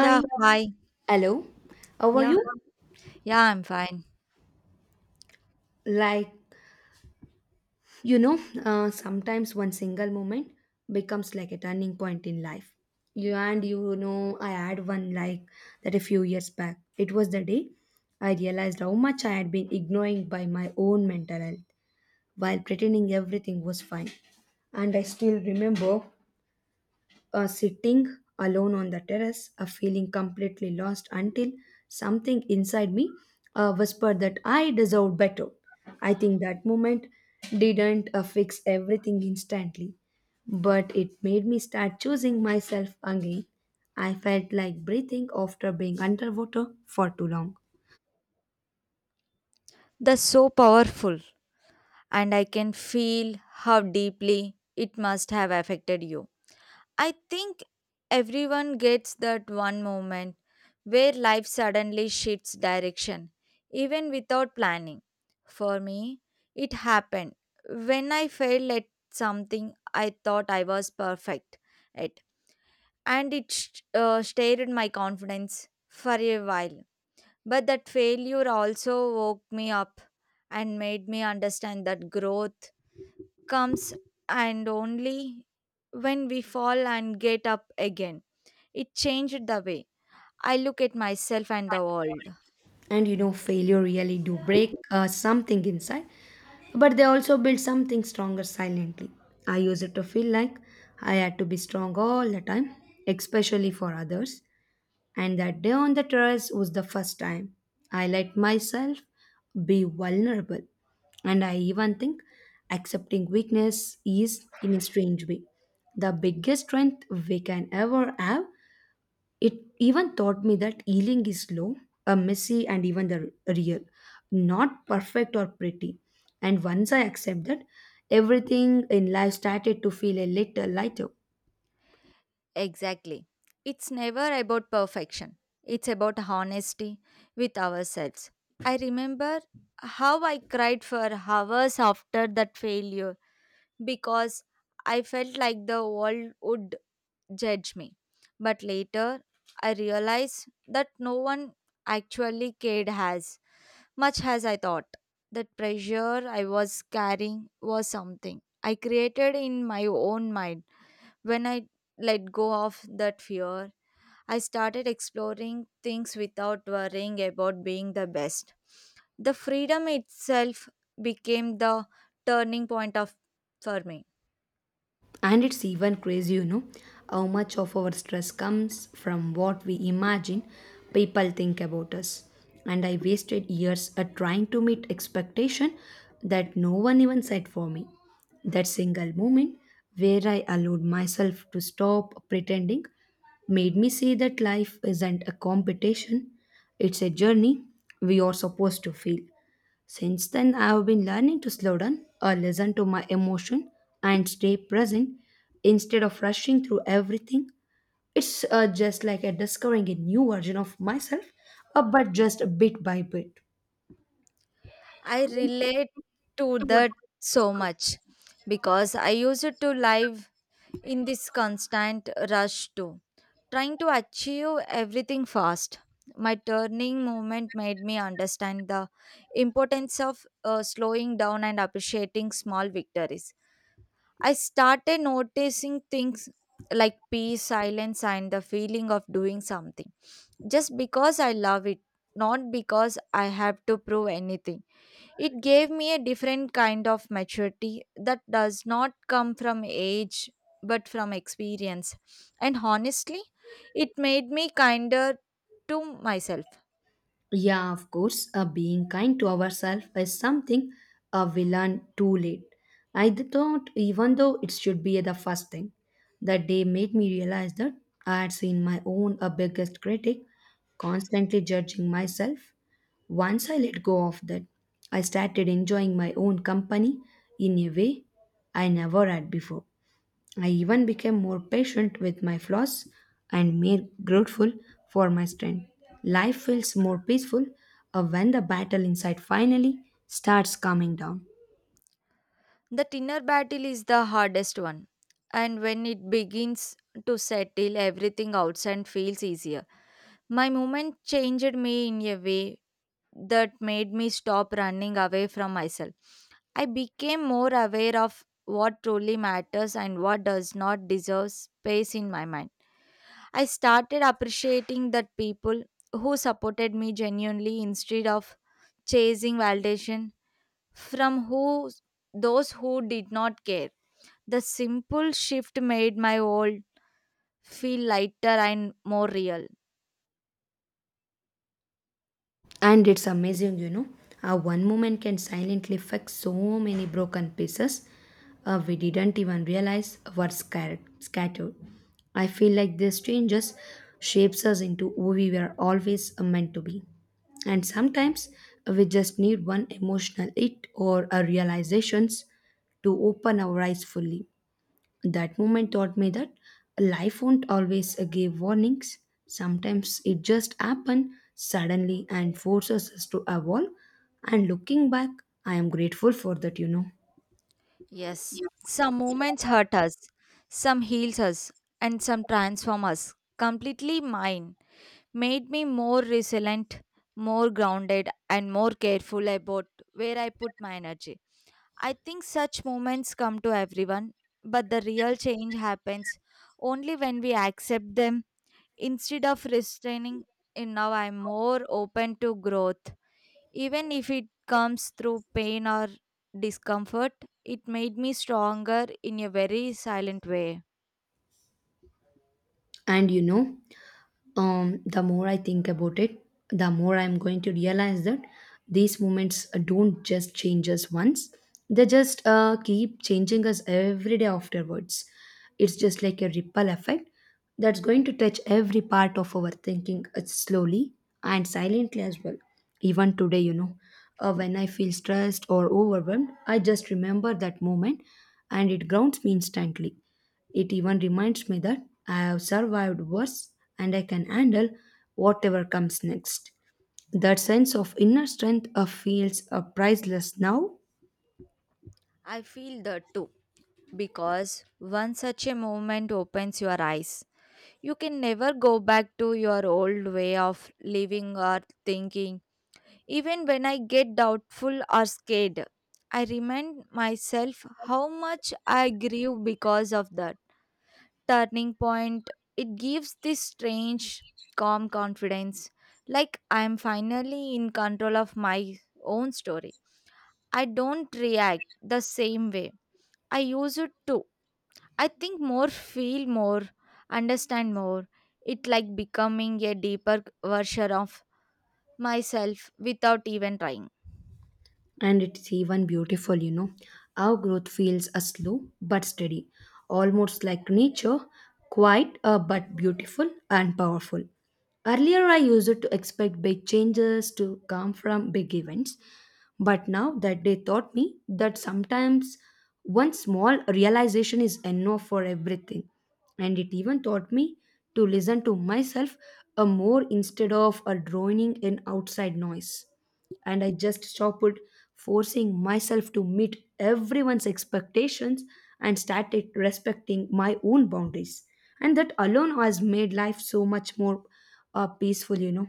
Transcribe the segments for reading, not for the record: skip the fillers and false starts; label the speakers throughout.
Speaker 1: Yeah, hi.
Speaker 2: hello. How are
Speaker 1: Yeah,
Speaker 2: you?
Speaker 1: yeah, I'm fine.
Speaker 2: Like Sometimes one single moment becomes like a turning point in life. You and you know, I had one like that a few years back. It was the day I realized how much I had been ignoring by my own mental health while pretending everything was fine. And I still remember sitting alone on the terrace, feeling completely lost until something inside me whispered that I deserved better. I think that moment didn't fix everything instantly, but it made me start choosing myself again. I felt like breathing after being underwater for too long.
Speaker 1: That's so powerful, and I can feel how deeply it must have affected you. I think everyone gets that one moment where life suddenly shifts direction, even without planning. For me, it happened when I failed at something I thought I was perfect at, and it stared my confidence for a while. But that failure also woke me up and made me understand that growth comes and only when we fall and get up again. It changed the way I look at myself and the world.
Speaker 2: And you know Failure really do break something inside, but they also build something stronger silently. I use it to feel like I had to be strong all the time, especially for others, and that day on the terrace was the first time I let myself be vulnerable. And I even think accepting weakness is, in a strange way, the biggest strength we can ever have. It even taught me that healing is slow, a messy, and even the real, not perfect or pretty. And once I accept that, everything in life started to feel a little lighter.
Speaker 1: Exactly. It's never about perfection. It's about honesty with ourselves. I remember how I cried for hours after that failure because I felt like the world would judge me. But later, I realized that no one actually cared as much as I thought. That pressure I was carrying was something I created in my own mind when I let go of that fear, I started exploring things without worrying about being the best. The freedom itself became the turning point of for me.
Speaker 2: And it's even crazy. How much of our stress comes from what we imagine people think about us. And I wasted years at trying to meet expectation that no one even set for me. That single moment where I allowed myself to stop pretending made me see that life isn't a competition, it's a journey we are supposed to feel. Since then, I have been learning to slow down or listen to my emotion and stay present instead of rushing through everything. It's just like a discovering a new version of myself, but just bit by bit.
Speaker 1: I relate to that so much because I used to live in this constant rush too, trying to achieve everything fast. My turning moment made me understand the importance of slowing down and appreciating small victories. I started noticing things like peace, silence, and the feeling of doing something just because I love it, not because I have to prove anything. It gave me a different kind of maturity that does not come from age but from experience. And honestly, it made me kinder to myself.
Speaker 2: Yeah, of course, being kind to ourselves is something we learn too late. I thought, even though it should be the first thing, that day made me realize that I had seen my own biggest critic, constantly judging myself. Once I let go of that, I started enjoying my own company in a way I never had before. I even became more patient with my flaws and more grateful for my strength. Life feels more peaceful when the battle inside finally starts calming down.
Speaker 1: That inner battle is the hardest one. And when it begins to settle, everything outside feels easier. My moment changed me in a way that made me stop running away from myself. I became more aware of what truly matters and what does not deserve space in my mind. I started appreciating that people who supported me genuinely instead of chasing validation from who those who did not care. The simple shift made my world feel lighter and more real.
Speaker 2: And it's amazing. How one moment can silently fix so many broken pieces we didn't even realize were scattered. I feel like these changes shapes us into who we were always meant to be. And sometimes we just need one emotional hit or a realizations to open our eyes fully. That moment taught me that life won't always give warnings. Sometimes it just happens suddenly and forces us to evolve. And looking back, I am grateful for that, you know.
Speaker 1: Yes, some moments hurt us, some heals us, and some transform us. Completely mine made me more resilient, more grounded, and more careful about where I put my energy. I think such moments come to everyone, but the real change happens only when we accept them instead of restraining. And now I'm more open to growth. Even if it comes through pain or discomfort, it made me stronger in a very silent way.
Speaker 2: And the more I think about it, the more I'm going to realize that these moments don't just change us once, they just keep changing us every day afterwards. It's just like a ripple effect that's going to touch every part of our thinking slowly and silently as well. Even today, when I feel stressed or overwhelmed, I just remember that moment and it grounds me instantly. It even reminds me that I have survived worse and I can handle whatever comes next. That sense of inner strength feels priceless now.
Speaker 1: I feel that too, because once such a moment opens your eyes, you can never go back to your old way of living or thinking. Even when I get doubtful or scared, I remind myself how much I grew because of that turning point. It gives this strange, calm confidence, like I'm finally in control of my own story. I don't react the same way I use it to. I think more, feel more, understand more. It like becoming a deeper version of myself without even trying.
Speaker 2: And it's even beautiful. Our growth feels a slow but steady, almost like nature, quiet but beautiful and powerful. Earlier, I used to expect big changes to come from big events, but now that they taught me that sometimes one small realization is enough for everything. And it even taught me to listen to myself a more instead of a droning in outside noise, and I just stopped forcing myself to meet everyone's expectations and started respecting my own boundaries. And that alone has made life so much more peaceful, you know.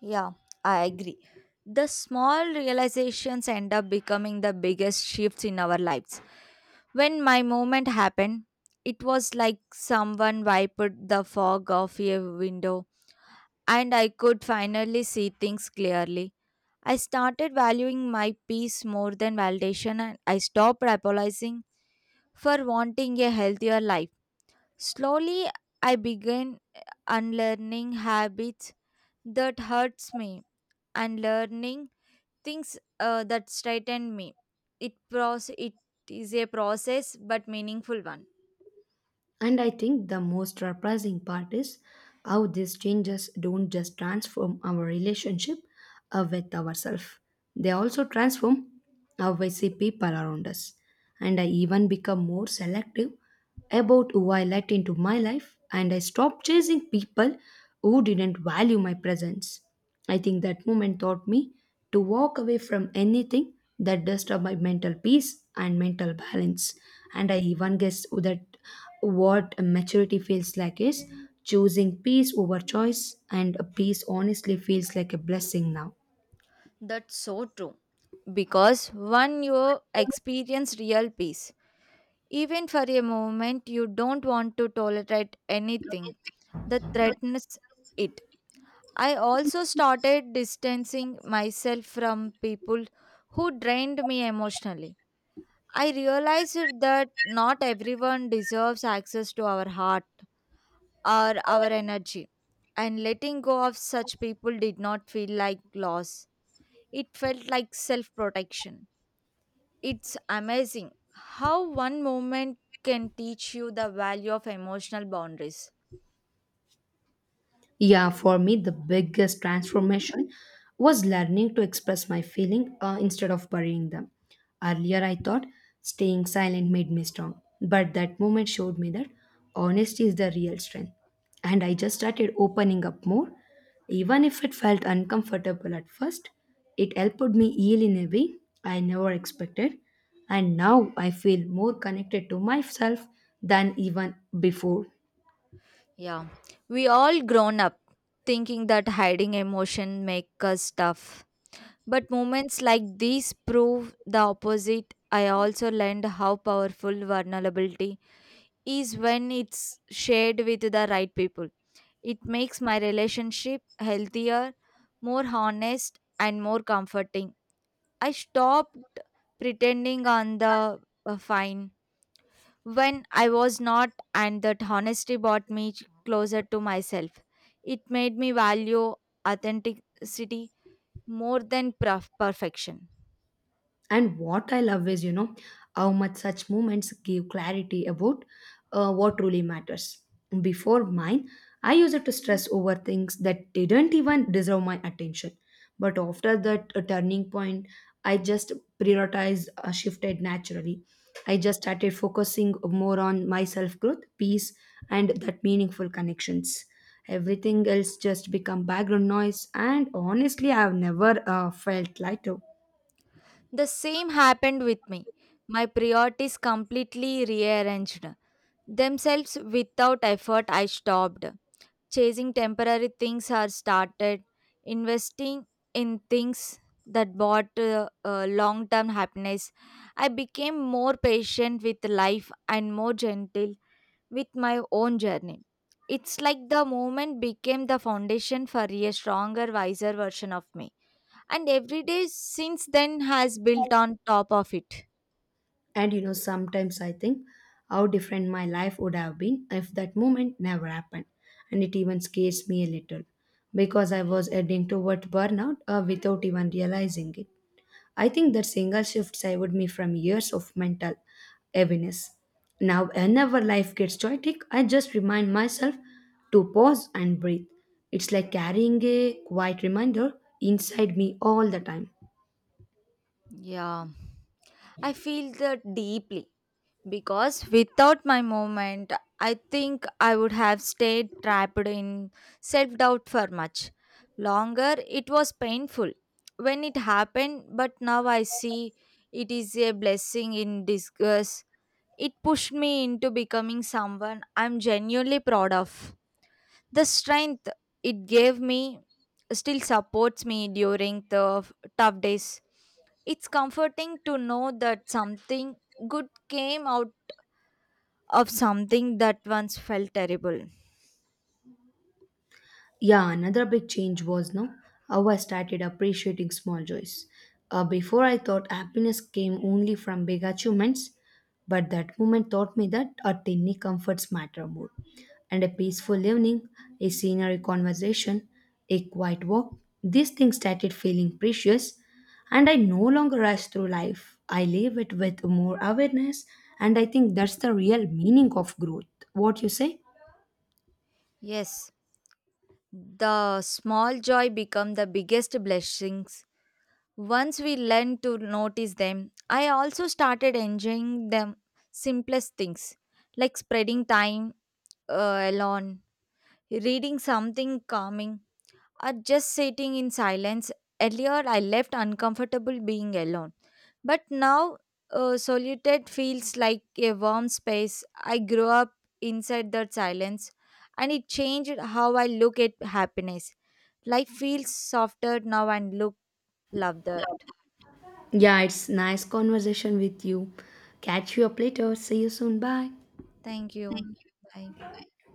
Speaker 1: Yeah, I agree. The small realizations end up becoming the biggest shifts in our lives. When my moment happened, it was like someone wiped the fog off a window and I could finally see things clearly. I started valuing my peace more than validation, and I stopped apologizing for wanting a healthier life. Slowly, I began unlearning habits that hurts me and learning things that straighten me. It is a process but meaningful one.
Speaker 2: And I think the most surprising part is how these changes don't just transform our relationship with ourselves, they also transform how we see people around us. And I even become more selective about who I let into my life, and I stop chasing people who didn't value my presence. I think that moment taught me to walk away from anything that disturbed my mental peace and mental balance. And I even guess that what maturity feels like is choosing peace over choice, and peace honestly feels like a blessing now.
Speaker 1: That's so true. Because when you experience real peace, even for a moment, you don't want to tolerate anything that threatens it. I also started distancing myself from people who drained me emotionally. I realized that not everyone deserves access to our heart or our energy, and letting go of such people did not feel like loss. It felt like self protection. It's amazing how one moment can teach you the value of emotional boundaries.
Speaker 2: Yeah, for me, the biggest transformation was learning to express my feeling instead of burying them. Earlier, I thought staying silent made me strong, but that moment showed me that honesty is the real strength. And I just started opening up more. Even if it felt uncomfortable at first, it helped me heal in a way I never expected. And now I feel more connected to myself than even before.
Speaker 1: Yeah, we all grown up thinking that hiding emotion make us tough. But moments like these prove the opposite. I also learned how powerful vulnerability is when it's shared with the right people. It makes my relationship healthier, more honest, and more comforting. I stopped pretending on the fine when I was not, and that honesty brought me closer to myself. It made me value authenticity more than perfection.
Speaker 2: And what I love is how much such moments give clarity about what truly matters. Before mine, I used to stress over things that didn't even deserve my attention. But after that turning point, I just prioritized, shifted naturally. I just started focusing more on my self growth, peace, and that meaningful connections. Everything else just become background noise, and honestly, I've never felt lighter.
Speaker 1: The same happened with me. My priorities completely rearranged themselves without effort. I stopped chasing temporary things or started investing in things that brought long-term happiness. I became more patient with life and more gentle with my own journey. It's like the moment became the foundation for a stronger, wiser version of me, and every day since then has built on top of it.
Speaker 2: And you know, sometimes I think how different my life would have been if that moment never happened. And it even scares me a little because I was heading toward burnout without even realizing it. I think that single shift saved me from years of mental heaviness. Now, whenever life gets chaotic, I just remind myself to pause and breathe. It's like carrying a quiet reminder inside me all the time.
Speaker 1: Yeah. I feel that deeply because without my movement, I think I would have stayed trapped in self doubt for much longer. It was painful when it happened, but now I see it is a blessing in disguise. It pushed me into becoming someone I'm genuinely proud of. The strength it gave me still supports me during the tough days. It's comforting to know that something good came out of something that once felt terrible.
Speaker 2: Yeah, another big change was no how I started appreciating small joys. Before I thought happiness came only from big achievements, but that moment taught me that our tiny comforts matter more. And a peaceful evening, a scenery conversation, a quiet walk, these things started feeling precious, and I no longer rush through life. I live it with more awareness, and I think that's the real meaning of growth. What you say?
Speaker 1: Yes, the small joy become the biggest blessings. Once we learn to notice them, I also started enjoying the simplest things like spreading time alone, reading something calming, are just sitting in silence. Earlier, I left uncomfortable being alone, but now solitude feels like a warm space. I grew up inside that silence, and it changed how I look at happiness. Life feels softer now and look love that.
Speaker 2: Yeah, it's nice conversation with you. Catch you up later. See you soon. Bye.
Speaker 1: Thank you. Bye.